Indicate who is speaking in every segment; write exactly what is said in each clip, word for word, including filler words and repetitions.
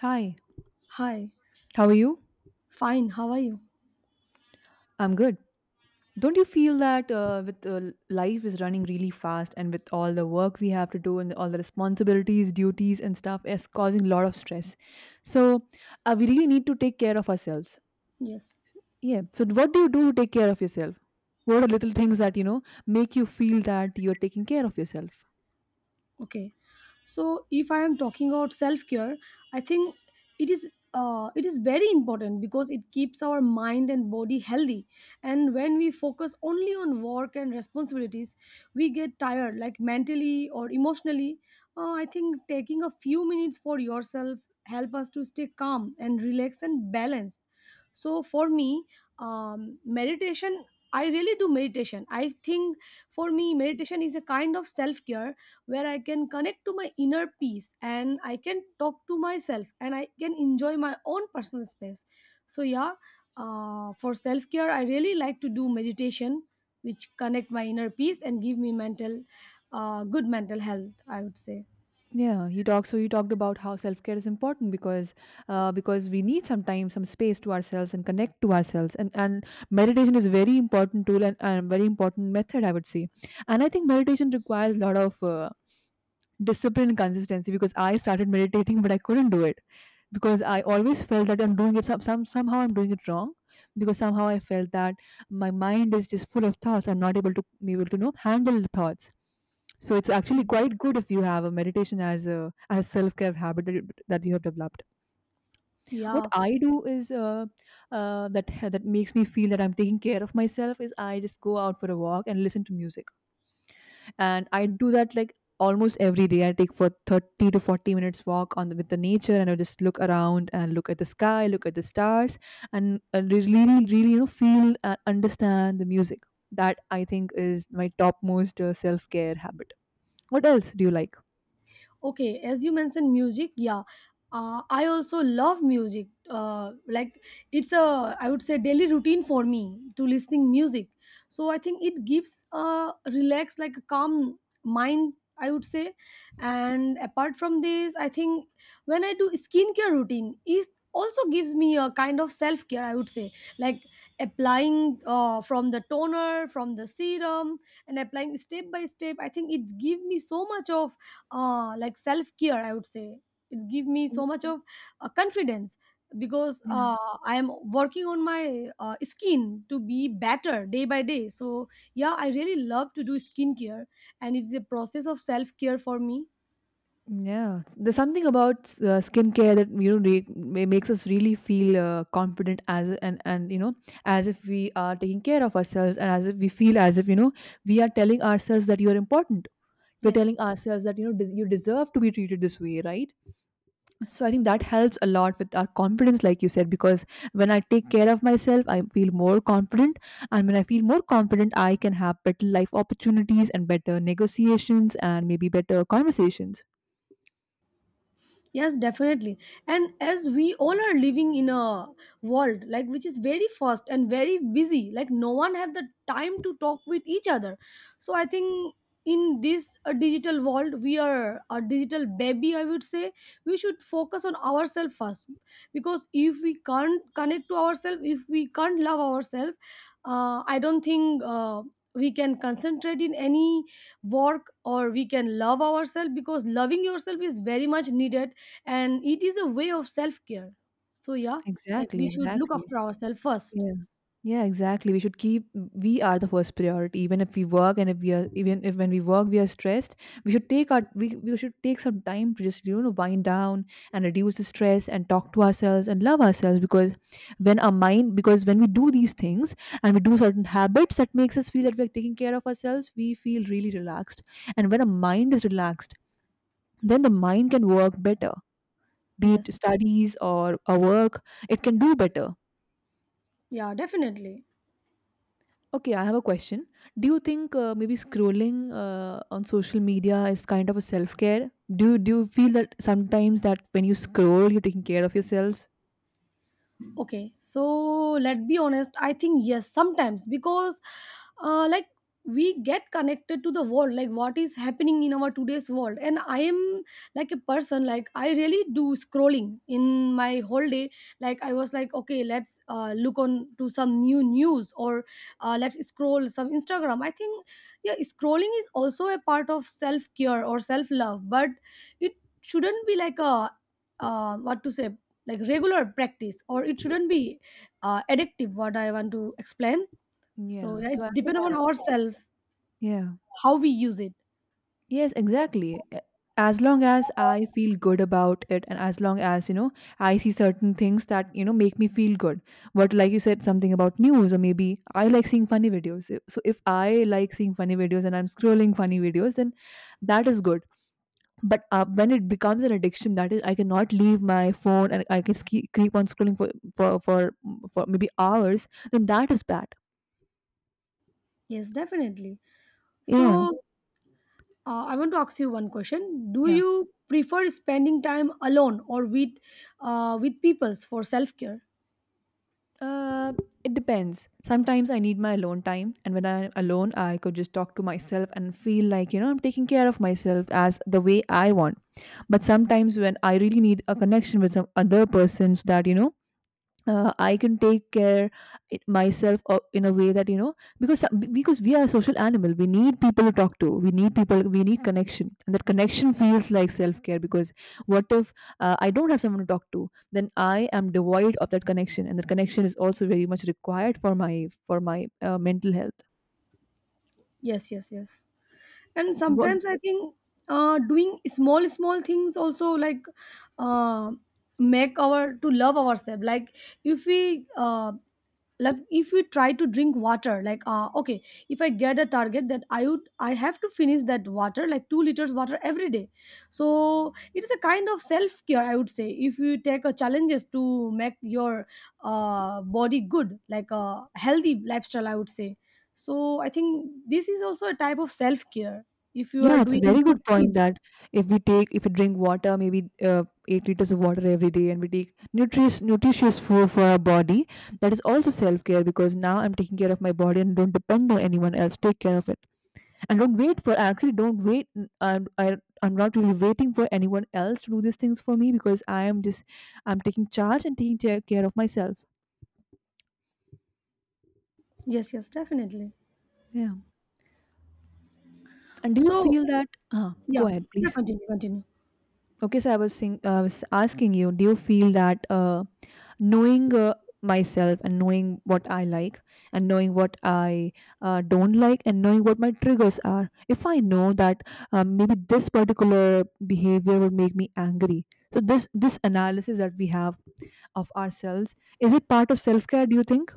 Speaker 1: Hi,
Speaker 2: Hi,
Speaker 1: how are you?
Speaker 2: fine, how are you?
Speaker 1: I'm good. Don't you feel that uh, with uh, life is running really fast, and with all the work we have to do and all the responsibilities, duties, and stuff is causing a lot of stress? So, uh, we really need to take care of ourselves.
Speaker 2: Yes.
Speaker 1: Yeah. So, what do you do to take care of yourself? What are little things that, you know, make you feel that you're taking care of yourself?
Speaker 2: okay so if I am talking about self care, I think it is uh, it is very important because it keeps our mind and body healthy. And when we focus only on work and responsibilities, we get tired, like mentally or emotionally. Uh, i think taking a few minutes for yourself help us to stay calm and relaxed and balanced. So for me, um, meditation, I really do meditation. I think for me meditation is a kind of self care, where I can connect to my inner peace and I can talk to myself and I can enjoy my own personal space. So yeah, uh, for self care, I really like to do meditation, which connect my inner peace and give me mental, uh, good mental health, I would say,
Speaker 1: Yeah, you talk. So you talked about how self care is important because, uh, because we need sometimes some space to ourselves and connect to ourselves. And and meditation is a very important tool and a very important method, I would say. And I think meditation requires a lot of uh, discipline and consistency, because I started meditating, but I couldn't do it because I always felt that I'm doing it some, some somehow I'm doing it wrong, because somehow I felt that my mind is just full of thoughts. I'm not able to be able to you know handle the thoughts. So it's actually quite good if you have a meditation as a as self care habit that you, that you have developed. What
Speaker 2: yeah.
Speaker 1: I do is uh, uh, that that makes me feel that I'm taking care of myself is I just go out for a walk and listen to music, and I do that like almost every day. I take for thirty to forty minutes walk on the, with the nature, and I just look around and look at the sky, look at the stars and uh, really, really, really, you know, feel and understand the music. That I think is my topmost uh, self-care habit. What else do you like?
Speaker 2: Okay, as you mentioned music, yeah, uh, I also love music, uh, like it's a, I would say, daily routine for me to listening music. So I think it gives a relax, like a calm mind, I would say. And apart from this, I think when I do skincare routine, it also gives me a kind of self care, I would say. Like applying uh, from the toner, from the serum, and applying step by step, I think it gives me so much of uh, like self care, I would say. It give me so much of uh, confidence, because uh, I am working on my uh, skin to be better day by day. So yeah, I really love to do skincare, and it's a process of self care for me.
Speaker 1: Yeah, there's something about uh, skincare that you know re- ma- makes us really feel uh, confident, as a- and and you know, as if we are taking care of ourselves and as if we feel, as if you know, we are telling ourselves that you are important. We're
Speaker 2: Yes.
Speaker 1: telling ourselves that you know des- you deserve to be treated this way, right? So I think that helps a lot with our confidence, like you said, because when I take care of myself, I feel more confident, and when I feel more confident, I can have better life opportunities and better negotiations and maybe better conversations.
Speaker 2: Yes, definitely. And as we all are living in a world like which is very fast and very busy, like no one have the time to talk with each other. So I think in this uh, digital world, we are a digital baby, I would say. We should focus on ourselves first, because if we can't connect to ourselves, if we can't love ourselves, uh, I don't think. Uh, we can concentrate in any work, or we can love ourselves, because loving yourself is very much needed and it is a way of self-care. So yeah, like
Speaker 1: Exactly,
Speaker 2: we should look
Speaker 1: exactly.
Speaker 2: after ourselves first.
Speaker 1: Yes. Yeah, exactly. We should keep, we are the first priority. Even if we work, and if we are, even if when we work we are stressed, we should take our we, we should take some time to just, you know, wind down and reduce the stress and talk to ourselves and love ourselves, because when our mind, because when we do these things and we do certain habits that makes us feel that we are taking care of ourselves, we feel really relaxed. And when our mind is relaxed, then the mind can work better. Be it
Speaker 2: Yes.
Speaker 1: studies or a work, it can do better.
Speaker 2: Yeah, definitely.
Speaker 1: Okay, I have a question. Do you think uh, maybe scrolling uh, on social media is kind of a self care? Do do you feel that sometimes that when you scroll, you're taking care of yourselves?
Speaker 2: Okay, so let's be honest, I think yes, sometimes, because uh, like we get connected to the world, like what is happening in our today's world, and I am like a person, like I really do scrolling in my whole day. Like I was like, okay, let's uh, look on to some new news, or uh, let's scroll some Instagram. I think yeah, scrolling is also a part of self care or self love, but it shouldn't be like a uh, what to say, like regular practice, or it shouldn't be uh, addictive, what I want to explain. So
Speaker 1: Yeah.
Speaker 2: yeah,
Speaker 1: So
Speaker 2: it's
Speaker 1: I
Speaker 2: depend on
Speaker 1: understand. So,
Speaker 2: ourselves
Speaker 1: yeah.
Speaker 2: how we use it.
Speaker 1: Yes, exactly. A- As long as I feel good about it, and as long as, you know, I see certain things that, you know, make me feel good. But like you said, something about news, or maybe I like seeing funny videos. I- So if I like seeing funny videos and I'm scrolling funny videos, then that is good. But uh, when it becomes an addiction, that is, I cannot leave my phone and I can ske- keep on scrolling for, for, for, for maybe hours, then that is bad.
Speaker 2: Yes, definitely.
Speaker 1: Yeah.
Speaker 2: So uh, I want to ask you one question. Do
Speaker 1: Yeah.
Speaker 2: you prefer spending time alone or with uh, with peoples for self care?
Speaker 1: Uh, it depends. Sometimes I need my alone time, and when I'm alone, I could just talk to myself and feel like, you know, I'm taking care of myself as the way I want. But sometimes when I really need a connection with some other person, so that, you know, uh, I can take care it myself, or in a way that you know, because some- be- because we are a social animal. We need people to talk to. We need people. We need connection, and that connection feels like self care. Because what if uh, I don't have someone to talk to? Then I am devoid of that connection, and that connection is also very much required for my for my uh, mental health.
Speaker 2: Yes, yes, yes. And
Speaker 1: What?
Speaker 2: sometimes I think uh, doing small small things also, like uh, make our to love ourselves, like if we uh, like if we try to drink water, like uh okay, if I get a target that I would, I have to finish that water like two liters water every day. So it is a kind of self-care, I would say. If you take a challenges to make your uh body good, like a healthy lifestyle, I would say. So I think this is also a type of self-care, if you are
Speaker 1: Yeah, it's a
Speaker 2: doing
Speaker 1: very
Speaker 2: good
Speaker 1: good point
Speaker 2: things.
Speaker 1: that if we take, if we drink water, maybe uh, eight liters of water every day, and we take nutritious, nutritious food for our body, that is also self care, because now I'm taking care of my body and don't depend on anyone else. Take care of it and don't wait for. Actually, don't wait. n- I'm, I, I'm not really waiting for anyone else to do these things for me, because I am just, I'm taking charge and taking care care of myself.
Speaker 2: Yes, yes, definitely.
Speaker 1: Yeah. And do you
Speaker 2: So
Speaker 1: feel that? Uh,
Speaker 2: yeah,
Speaker 1: go ahead,
Speaker 2: yeah,
Speaker 1: please.
Speaker 2: continue continue
Speaker 1: Okay, so I was, think, I was asking you, do you feel that uh, knowing uh, myself and knowing what I like and knowing what I uh, don't like and knowing what my triggers are, if I know that um, maybe this particular behavior would make me angry, so this this analysis that we have of ourselves, is it part of self care? Do you think?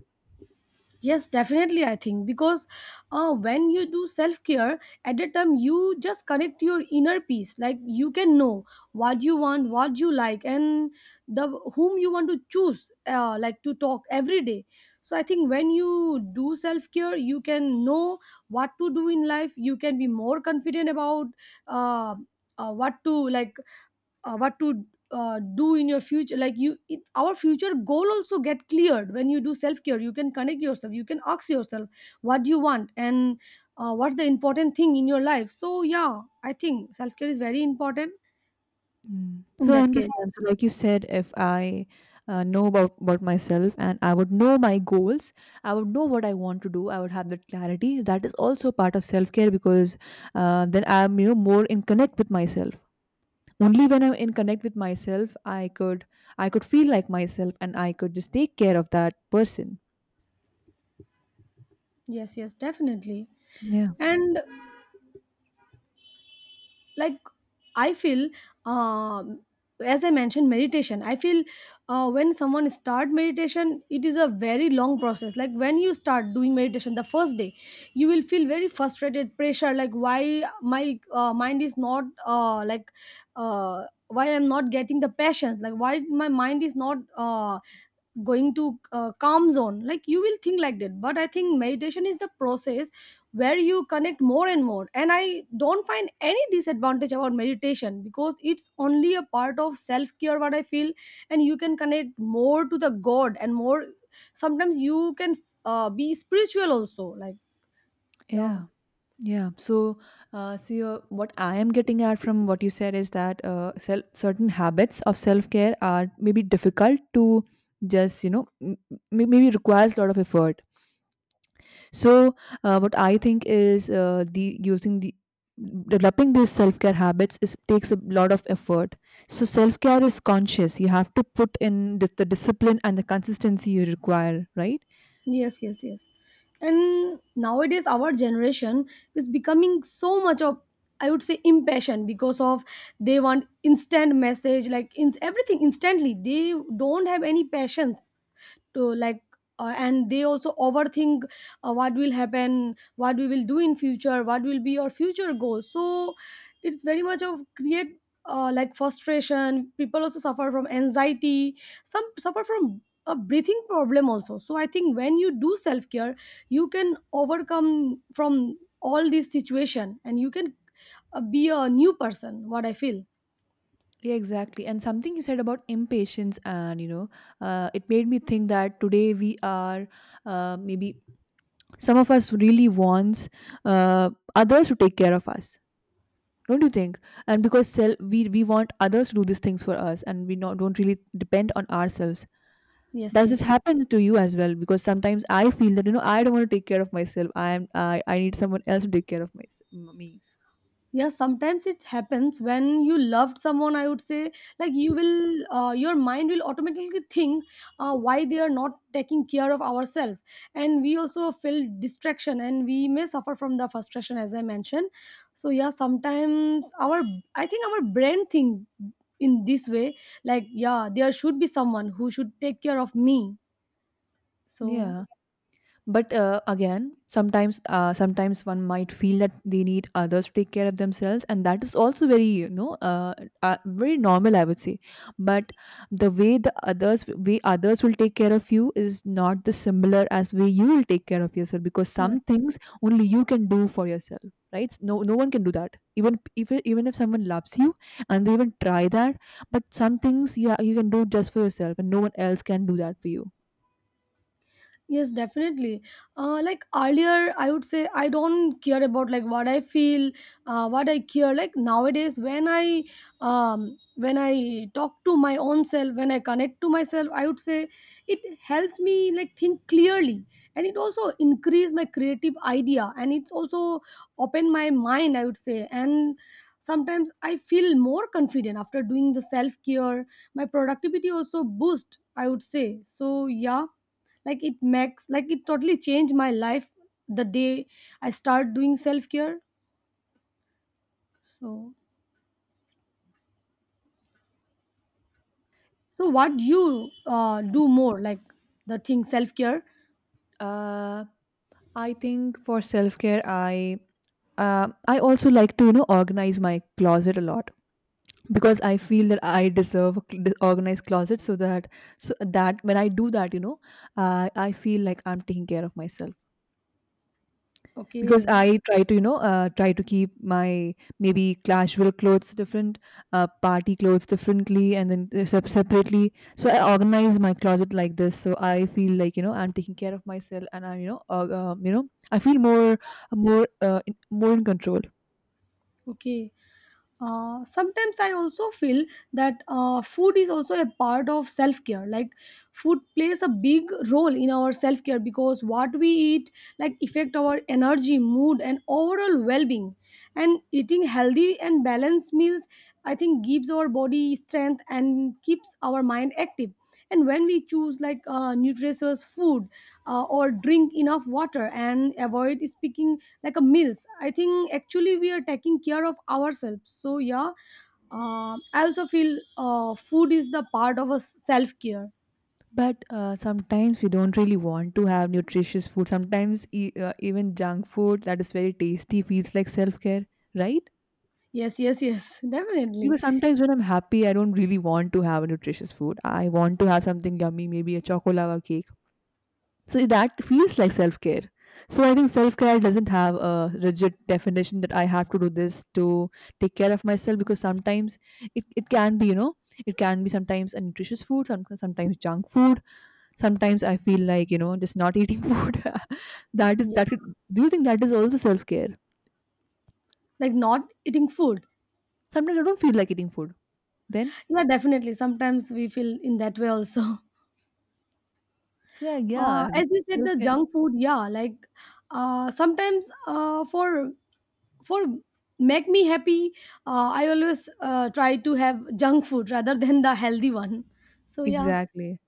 Speaker 2: Yes, definitely. I think because uh, when you do self care at a time, you just connect to your inner peace. Like you can know what you want, what you like, and the whom you want to choose. Uh, like to talk every day. So I think when you do self care, you can know what to do in life. You can be more confident about uh, uh, what to like, uh, what to uh, do in your future. Like you it, our future goal also get cleared when you do self care. You can connect yourself, you can ask yourself what do you want, and uh, what's the important thing in your life. So yeah, I think self care is very important
Speaker 1: Mm.
Speaker 2: in
Speaker 1: So I
Speaker 2: that case.
Speaker 1: understand. So, like you said, if I uh, know about about myself and I would know my goals, I would know what I want to do. I would have that clarity. That is also part of self care, because uh, then I'm you know more in connect with myself. Only when I'm in connect with myself, I could, I could feel like myself and I could just take care of that person.
Speaker 2: Yes, yes, definitely.
Speaker 1: Yeah,
Speaker 2: And like I feel um, as I mentioned meditation, I feel uh, when someone start meditation, it is a very long process. Like when you start doing meditation the first day, you will feel very frustrated pressure, like why my uh, mind is not uh, like uh, why I'm not getting the passions, like why my mind is not uh, going to uh, calm zone. Like you will think like that, but I think meditation is the process where you connect more and more, and I don't find any disadvantage about meditation, because it's only a part of self care, what I feel. And you can connect more to the god, and more sometimes you can uh, be spiritual also, like yeah.
Speaker 1: yeah. Yeah. So, uh, see, uh, what I am getting at from what you said is that uh, self, certain habits of self care are maybe difficult to just, you know, m- m- maybe requires a lot of effort. So, uh, what I think is uh, the using the developing these self care habits is takes a lot of effort. So, self care is conscious. You have to put in the, the discipline and the consistency you require, right?
Speaker 2: Yes, yes, yes. And nowadays, our generation is becoming so much of, I would say, impatient, because of they want instant message, like in everything instantly. They don't have any patience to like uh, and they also overthink uh, what will happen, what we will do in future, what will be your future goals. So it's very much of create uh, like frustration. People also suffer from anxiety, some suffer from a breathing problem also. So I think when you do self care, you can overcome from all this situation, and you can uh, be a new person, what I feel.
Speaker 1: Yeah, exactly. And something you said about impatience, and you know, uh, it made me think that today we are uh, maybe some of us really wants uh, others to take care of us. Don't you think? And because self, we we want others to do these things for us, and we not don't really depend on ourselves.
Speaker 2: Yes,
Speaker 1: Does
Speaker 2: yes,
Speaker 1: this
Speaker 2: yes.
Speaker 1: happen to you as well? Because sometimes I feel that you know I don't want to take care of myself. I am I I need someone else to take care of my, me.
Speaker 2: Yeah, sometimes it happens when you loved someone, I would say. Like you will uh, your mind will automatically think uh, why they are not taking care of ourselves, and we also feel distraction, and we may suffer from the frustration, as I mentioned. So yeah, sometimes our, I think our brain think in this way, like yeah, there should be someone who should take care of me. So
Speaker 1: Yeah. But uh, again, sometimes uh, sometimes one might feel that they need others to take care of themselves, and that is also very you know uh, uh, very normal, I would say. But the way the others, way others will take care of you is not the similar as way you will take care of yourself, because
Speaker 2: yeah.
Speaker 1: some things only you can do for yourself, right? No, no one can do that. Even if, even if someone loves you and they even try that, but some things you ha- you can do just for yourself and no one else can do that for you.
Speaker 2: Yes, definitely. Uh, like earlier, I would say I don't care about like what I feel, uh, what I care. Like nowadays, when I um, when I talk to my own self, when I connect to myself, I would say it helps me like think clearly, and it also increase my creative idea, and it's also open my mind, I would say. And sometimes I feel more confident after doing the self care. My productivity also boost, I would say. So yeah, like it makes, like it totally changed my life the day I start doing self-care. So so what do you uh, do more, like the thing self-care?
Speaker 1: Uh, I think for self care, I uh, I also like to you know organize my closet a lot, because I feel that I deserve a cl- organized closet, so that, so that when I do that, you know, uh, I feel like I'm taking care of myself. Because
Speaker 2: Okay.
Speaker 1: I try to, you know, uh, try to keep my maybe casual clothes different, uh, party clothes differently, and then uh, sep- separately. So I organize my closet like this. So I feel like you know I'm taking care of myself, and I'm you know, uh, um, you know, I feel more, more, uh, in, more in control.
Speaker 2: Okay. Uh, sometimes I also feel that uh, food is also a part of self care. Like food plays a big role in our self care, because what we eat like affect our energy, mood, and overall well being. And eating healthy and balanced meals, I think, gives our body strength and keeps our mind active. And when we choose like uh, nutritious food, uh, or drink enough water and avoid speaking like a meals, I think actually we are taking care of ourselves. So yeah, uh, I also feel uh, food is the part of a self care.
Speaker 1: But uh, sometimes we don't really want to have nutritious food. Sometimes e- uh, even junk food that is very tasty feels like self care, right?
Speaker 2: Yes, yes, yes, definitely.
Speaker 1: Because sometimes when I'm happy, I don't really want to have a nutritious food. I want to have something yummy, maybe a chocolava cake. So that feels like self care. So I think self care doesn't have a rigid definition that I have to do this to take care of myself, because sometimes it, it can be, you know, it can be sometimes a nutritious food, some, sometimes junk food. Sometimes I feel like, you know, just not eating food. That is
Speaker 2: Yeah.
Speaker 1: that could- do you think that is also self care?
Speaker 2: Like not eating food,
Speaker 1: Sometimes I don't feel like eating food. Then
Speaker 2: yeah definitely, sometimes we feel in that way also.
Speaker 1: so yeah,
Speaker 2: Uh,
Speaker 1: yeah,
Speaker 2: as you said,
Speaker 1: self
Speaker 2: the
Speaker 1: care.
Speaker 2: junk food, yeah, like uh, sometimes uh, for for make me happy, uh, I always uh, try to have junk food rather than the healthy one. So yeah,
Speaker 1: Exactly.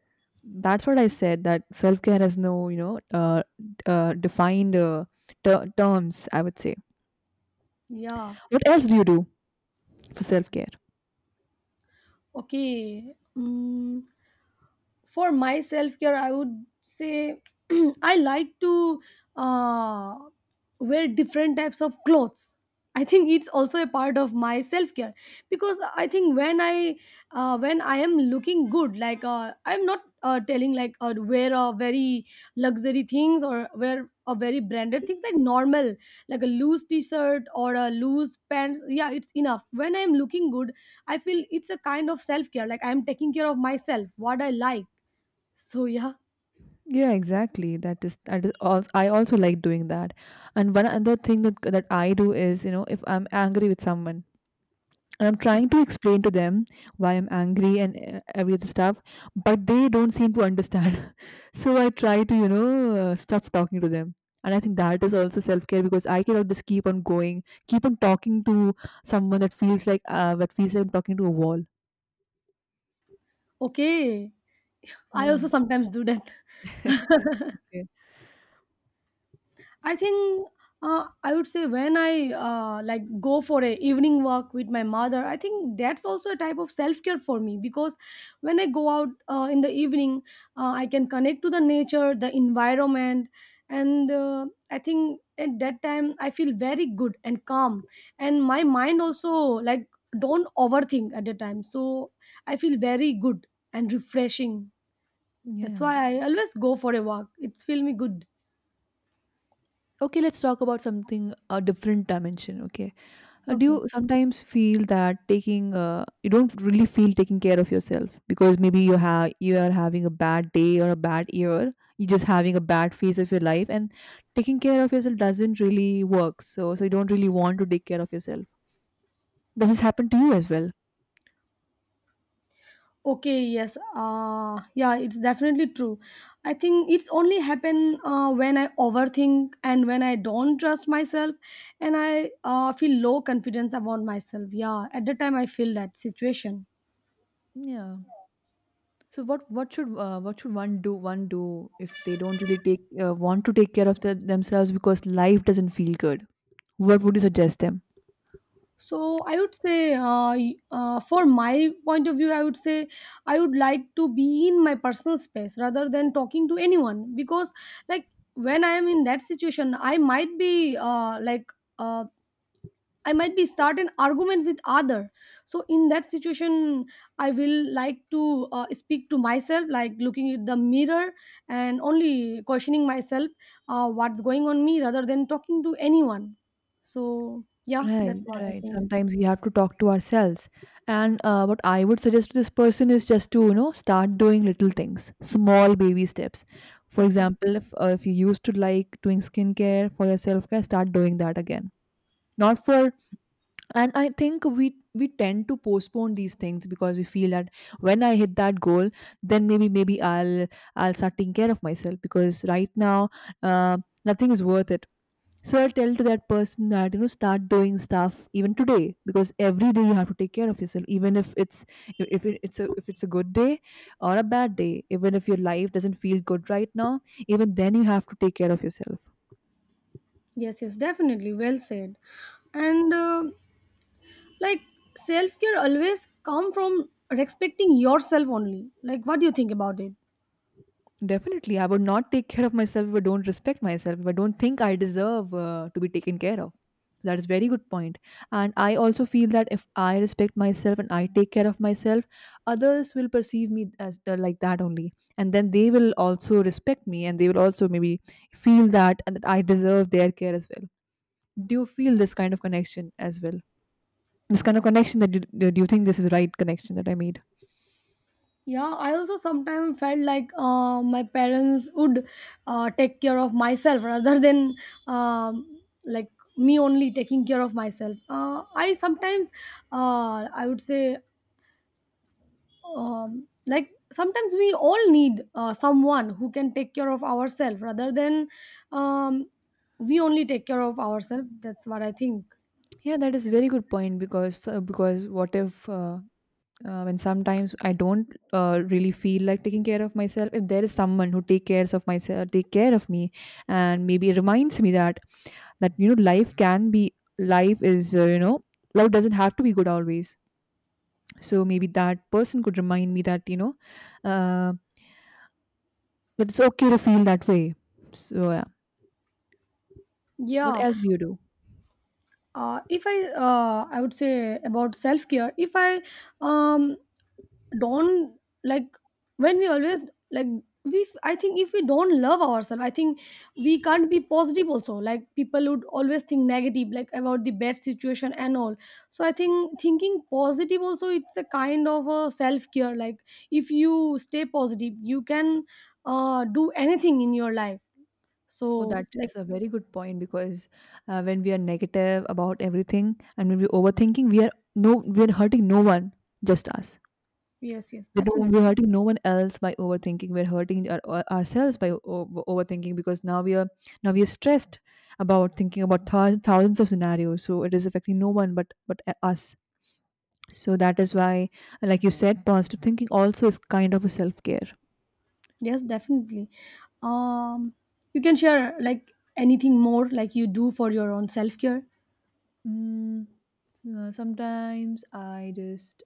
Speaker 1: That's what I said, that self care has no you know uh, uh, defined uh, ter- terms, I would say.
Speaker 2: yeah.
Speaker 1: What else do you do for self care?
Speaker 2: Okay, mm, for my self care, I would say I like to uh, wear different types of clothes. I think it's also a part of my self care, because I think when I uh, when I am looking good, like uh, I'm not uh, telling like uh, wear a very luxury things or wear a very branded things, like normal, like a loose t-shirt or a loose pants, yeah it's enough. When I'm looking good, I feel it's a kind of self care. Like I'm taking care of myself, what I like. So yeah,
Speaker 1: Yeah, exactly. That is that is all. I also like doing that. And one other thing that that I do is, you know, if I'm angry with someone and I'm trying to explain to them why I'm angry and uh, every other stuff, but they don't seem to understand. So I try to, you know, uh, stop talking to them. And I think that is also self care because I cannot just keep on going, keep on talking to someone that feels like uh, that feels like I'm talking to a wall.
Speaker 2: okay. I
Speaker 1: Yeah.
Speaker 2: also sometimes do that. I think uh, I would say when I uh, like go for a evening walk with my mother, I think that's also a type of self care for me, because when I go out uh, in the evening, uh, I can connect to the nature, the environment, and uh, I think at that time I feel very good and calm, and my mind also like don't overthink at the time. So I feel very good and refreshing. That's
Speaker 1: Yeah.
Speaker 2: why I always go for a walk. It's feel me good.
Speaker 1: Okay, let's talk about something a different dimension, okay? Uh, do
Speaker 2: Okay.
Speaker 1: you sometimes feel that taking uh, you don't really feel taking care of yourself because maybe you have you are having a bad day or a bad year, you're just having a bad phase of your life, and taking care of yourself doesn't really work, so so you don't really want to take care of yourself. Does this happen to you as well?
Speaker 2: Okay, yes. Uh, yeah, it's definitely true. I think it's only happen uh, when I overthink and when I don't trust myself, and I uh, feel low confidence about myself. Yeah, at the time I feel that situation.
Speaker 1: Yeah. So what what should uh, what should one do one do if they don't really take uh, want to take care of their themselves because life doesn't feel good? What would you suggest them?
Speaker 2: So I would say, uh, y- uh, for my point of view, I would say I would like to be in my personal space rather than talking to anyone because, like, when I am in that situation, I might be uh, like. Uh, I might be start an argument with other. So in that situation, I will like to uh, speak to myself, like looking at the mirror and only questioning myself, uh, what's going on me, rather than talking to anyone. So yeah, that's
Speaker 1: Right,
Speaker 2: what I
Speaker 1: right.
Speaker 2: think.
Speaker 1: Sometimes we have to talk to ourselves. And uh, what I would suggest to this person is just to, you know, start doing little things, small baby steps. For
Speaker 2: Okay.
Speaker 1: example, if, uh, if you used to like doing skincare for your self care, start doing that again. Not for, And I think we we tend to postpone these things because we feel that when I hit that goal, then maybe maybe I'll I'll start taking care of myself because right now uh, nothing is worth it. So I tell to that person that, you know, start doing stuff even today because every day you have to take care of yourself, even if it's if it- it's a if it's a good day or a bad day. Even if your life doesn't feel good right now, even then you have to take care of yourself.
Speaker 2: Yes, yes, definitely. Well said. And uh, like self care always come from respecting yourself only. Like, what do you think about it?
Speaker 1: Definitely, I would not take care of myself if I don't respect myself, if I don't think I deserve uh, to be taken care of. That is very good point. And I also feel that if I respect myself and I take care of myself, others will perceive me as uh, like that only. And then they will also respect me, and they will also maybe feel that and that I deserve their care as well. Do you feel this kind of connection as well? This kind of connection that you, do you think this is right connection that I made?
Speaker 2: Yeah, I also sometimes felt like uh, my parents would uh, take care of myself rather than um, like me only taking care of myself. Uh, I sometimes, uh, I would say, um, like sometimes we all need uh, someone who can take care of ourselves rather than um, we only take care of ourselves, that's what I think.
Speaker 1: Yeah, that is very good point because f- because what if uh, uh, when sometimes I don't uh, really feel like taking care of myself, if there is someone who take cares of myself take care of me and maybe reminds me that that you know life can be life is uh, you know life doesn't have to be good always, so maybe that person could remind me that you know uh, that it's okay to feel that way, so yeah. What
Speaker 2: Yeah,
Speaker 1: else do you do?
Speaker 2: uh, if i uh, I would say about self care, if I um, don't, like, when we always, like, we I think if we don't love ourselves, I think we can't be positive also, like people would always think negative like about the bad situation and all. So I think thinking positive also, it's a kind of a self care. Like, if you stay positive, you can uh, do anything in your life. So,
Speaker 1: Oh, that
Speaker 2: like,
Speaker 1: is a very good point because uh, when we are negative about everything and when we're overthinking, we are no, we're hurting no one, just us.
Speaker 2: yes, yes,
Speaker 1: We don't,
Speaker 2: definitely.
Speaker 1: we're hurting no one else by overthinking. We're hurting our, our- ourselves by o- overthinking because now we are now we are stressed about thinking about thou- thousands of scenarios. So it is affecting no one but but uh, us. So that is why, like you said, positive thinking also is kind of a self care.
Speaker 2: Yes, definitely. um you can share, like, anything more, like, you do for your own self care?
Speaker 1: Mm, uh, sometimes I just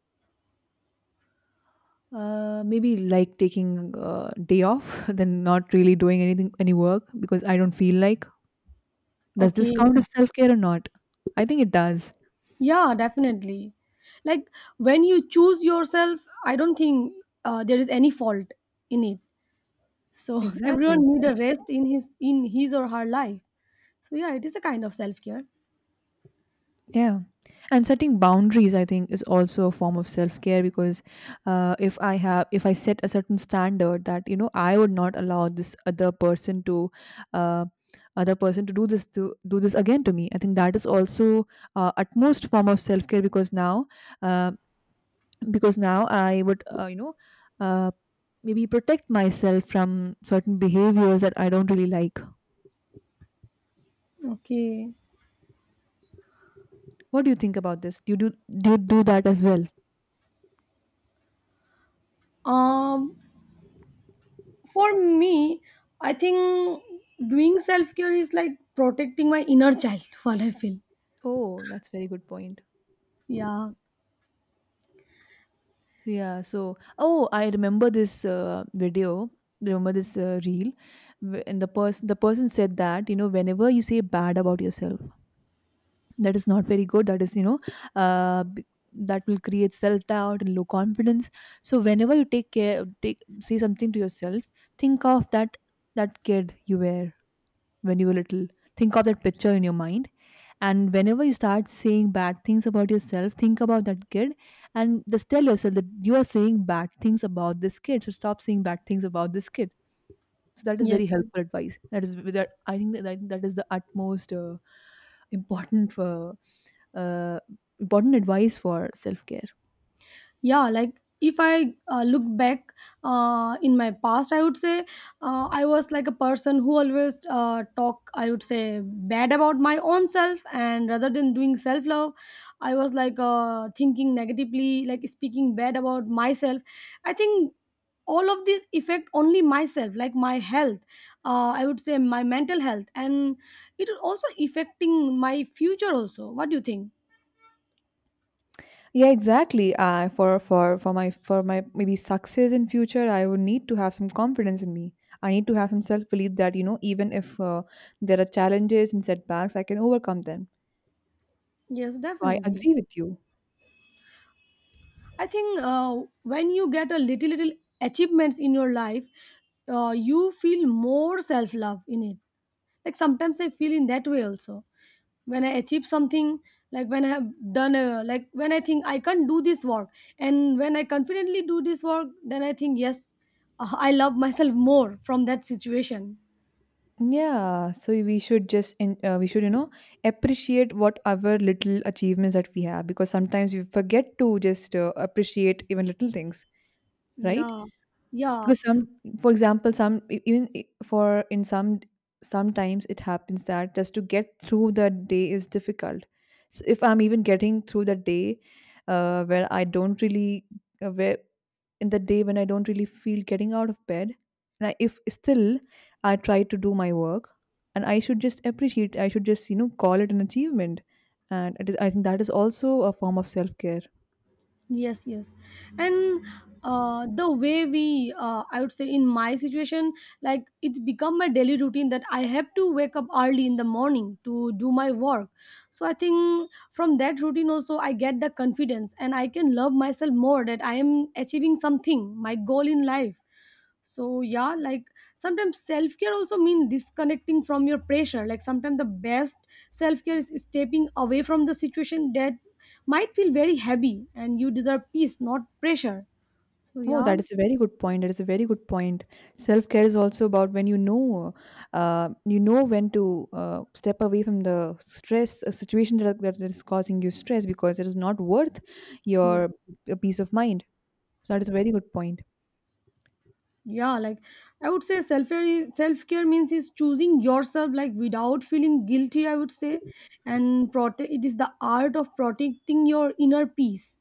Speaker 1: uh, maybe like taking a day off, then not really doing anything, any work because I don't feel like. Does this
Speaker 2: Okay.
Speaker 1: count as self care or not? I think it does.
Speaker 2: Yeah, definitely. Like, when you choose yourself, I don't think uh, there is any fault in it. So
Speaker 1: Exactly.
Speaker 2: everyone need a
Speaker 1: Exactly.
Speaker 2: rest in his, in his or her life. So yeah, it is a kind of self care.
Speaker 1: Yeah. And setting boundaries, I think, is also a form of self care because uh, if I have, if I set a certain standard that you know I would not allow this other person to, uh, other person to do this to do this again to me, I think that is also uh, utmost form of self care because now, uh, because now I would uh, you know uh, maybe protect myself from certain behaviors that I don't really like.
Speaker 2: Okay.
Speaker 1: What do you think about this? Do you do do you do that as well?
Speaker 2: Um for me, I think doing self care is like protecting my inner child, what I feel.
Speaker 1: Oh, that's very good point.
Speaker 2: Yeah.
Speaker 1: Yeah, so oh, I remember this uh, video. Remember this uh, reel, wh- and the person the person said that you know whenever you say bad about yourself, that is not very good. That is you know, uh, b- that will create self doubt and low confidence. So whenever you take care, take say something to yourself, think of that that kid you were when you were little. Think of that picture in your mind. And whenever you start saying bad things about yourself, think about that kid and just tell yourself that you are saying bad things about this kid. So stop saying bad things about this kid. So that is very
Speaker 2: Yes.
Speaker 1: helpful advice. That is that I think that that that is the utmost uh, important for uh, important advice for self care.
Speaker 2: Yeah, like, if i uh, look back uh, in my past, I would say uh, I was like a person who always uh, talk, I would say, bad about my own self, and rather than doing self love, I was like uh, thinking negatively, like speaking bad about myself. I think all of this affect only myself, like my health, uh, I would say my mental health, and it also affecting my future also. What do you think?
Speaker 1: Yeah, exactly. Uh, for for for my for my maybe success in future, I would need to have some confidence in me. I need to have some self belief that you know even if uh, there are challenges and setbacks, I can overcome them,
Speaker 2: Yes,
Speaker 1: so I
Speaker 2: definitely.
Speaker 1: agree with you.
Speaker 2: I think uh, when you get a little, little achievements in your life, uh, you feel more self love in it. Like sometimes I feel in that way also. When I achieve something, like when I have done, a, like when I think I can do this work, and when I confidently do this work, then I think yes, uh, I love myself more from that situation.
Speaker 1: Yeah, so we should just in, uh, we should you know appreciate whatever little achievements that we have, because sometimes we forget to just uh, appreciate even little things, right?
Speaker 2: Yeah, yeah.
Speaker 1: Because some, for example some e- even i- for in some sometimes it happens that just to get through the day is difficult. So if I'm even getting through the day uh, where i don't really uh, where in the day when I don't really feel getting out of bed, and I, if still I try to do my work, and I should just appreciate, I should just you know call it an achievement. And it is, I think that is also a form of self-care.
Speaker 2: Yes, yes. And uh, the way we, uh, I would say in my situation, like it's become my daily routine that I have to wake up early in the morning to do my work. So I think from that routine also I get the confidence and I can love myself more that I am achieving something, my goal in life. So yeah, like, sometimes self-care also means disconnecting from your pressure. Like sometimes the best self-care is stepping away from the situation that might feel very heavy, and you deserve peace, not pressure. So
Speaker 1: Oh,
Speaker 2: yeah.
Speaker 1: that is a very good point. That is a very good point. Self care is also about when you know, uh, you know when to uh, step away from the stress a situation that, that is causing you stress, because it is not worth
Speaker 2: Yeah,
Speaker 1: your uh, peace of mind. So that is a very good point.
Speaker 2: yeah, like, I would say self-care is, self-care means is choosing yourself, like, without feeling guilty, I would say, and prote- it is the art of protecting your inner peace.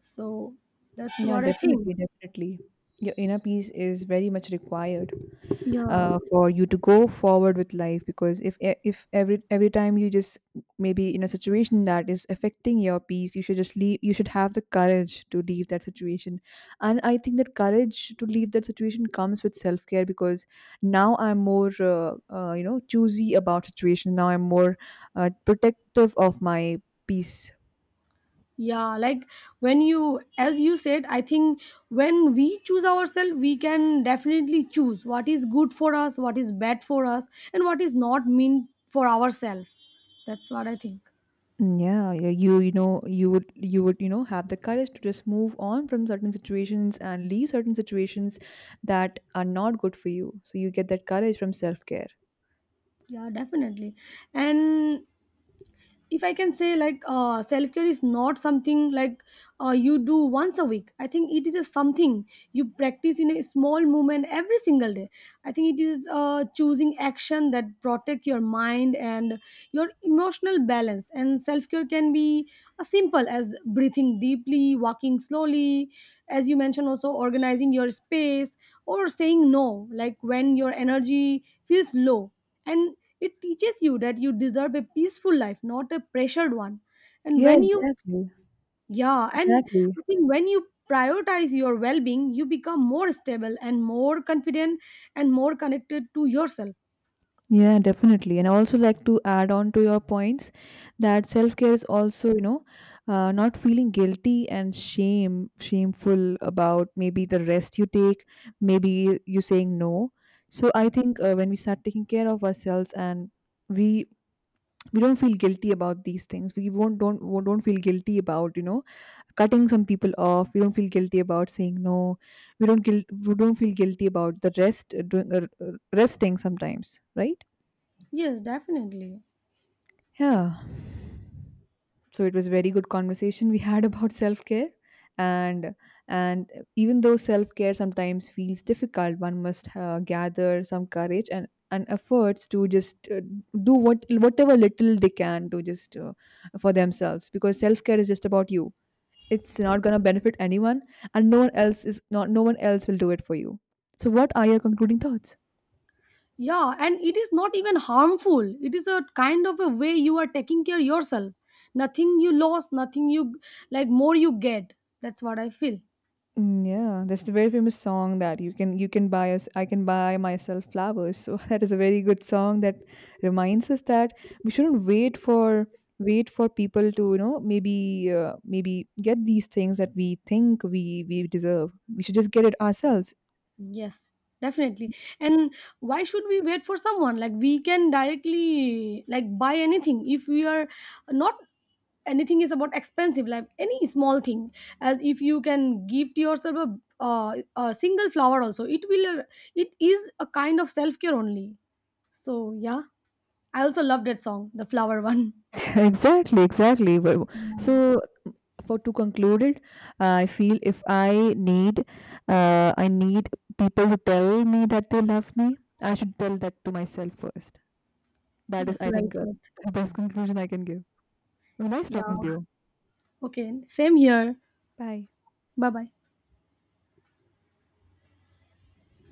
Speaker 2: So that's
Speaker 1: Yeah,
Speaker 2: what I think.
Speaker 1: definitely, definitely. Your inner peace is very much required
Speaker 2: Yeah.
Speaker 1: uh, for you to go forward with life. Because if e- if every every time you just maybe in a situation that is affecting your peace, you should just leave, you should have the courage to leave that situation. And I think that courage to leave that situation comes with self care, because now I'm more uh, uh, you know choosy about situation, now I'm more uh, protective of my peace.
Speaker 2: Yeah, like, when you, as you said, I think when we choose ourselves, we can definitely choose what is good for us, what is bad for us, and what is not meant for ourselves. That's what I think.
Speaker 1: Mm, yeah, yeah, you you know you would you would you know have the courage to just move on from certain situations and leave certain situations that are not good for you. So you get that courage from self-care.
Speaker 2: Yeah, definitely. And if I can say, like, uh, self care is not something like uh, you do once a week. I think it is a something you practice in a small moment every single day. I think it is uh, choosing action that protect your mind and your emotional balance. And self care can be as simple as breathing deeply, walking slowly, as you mentioned, also organizing your space, or saying no, like when your energy feels low. And it teaches you that you deserve a peaceful life, not a pressured one. And
Speaker 1: Yeah,
Speaker 2: when you,
Speaker 1: exactly.
Speaker 2: yeah, and
Speaker 1: Exactly.
Speaker 2: I think when you prioritize your well being, you become more stable and more confident and more connected to yourself.
Speaker 1: Yeah, definitely. And I also like to add on to your points, that self-care is also, you know, uh, not feeling guilty and shame, shameful about maybe the rest you take, maybe you saying no. So I
Speaker 2: Yeah.
Speaker 1: think uh, when we start taking care of ourselves, and we we don't feel guilty about these things, we won't don't won't, don't feel guilty about you know cutting some people off, we don't feel guilty about saying no, we don't guilt we don't feel guilty about the rest uh, doing uh, uh, resting sometimes, right?
Speaker 2: Yes, definitely.
Speaker 1: Yeah. So it was very good conversation we had about self care. And and even though self care sometimes feels difficult, one must uh, gather some courage and and efforts to just uh, do what whatever little they can to just uh, for themselves, because self care is just about you. It's not going to benefit anyone, and no one else is not no one else will do it for you. So what are your concluding thoughts?
Speaker 2: Yeah, and it is not even harmful. It is a kind of a way you are taking care yourself. Nothing you lost, nothing you, like, more you get. That's what I feel.
Speaker 1: Mm, yeah, that's the very famous song that you can you can buy us, I can buy myself flowers. So that is a very good song that reminds us that we shouldn't wait for wait for people to you know maybe uh, maybe get these things that we think we we deserve, we should just get it ourselves.
Speaker 2: Yes, definitely. And why should we wait for someone? Like, we can directly like buy anything if we are not, anything is about expensive, like any small thing. As if you can gift yourself a, uh, a single flower also, it will, it is a kind of self care only. So yeah, I also love that song, the flower one.
Speaker 1: Exactly, exactly. Well,
Speaker 2: Yeah.
Speaker 1: so for to conclude it, uh, I feel if I need uh, I need people to tell me that they love me, I should tell that to myself first. That is
Speaker 2: Yes,
Speaker 1: I
Speaker 2: well
Speaker 1: think uh,
Speaker 2: said.
Speaker 1: the best conclusion I can give. Well, nice
Speaker 2: Yeah,
Speaker 1: talking to you.
Speaker 2: okay, same here.
Speaker 1: Bye.
Speaker 2: Bye bye.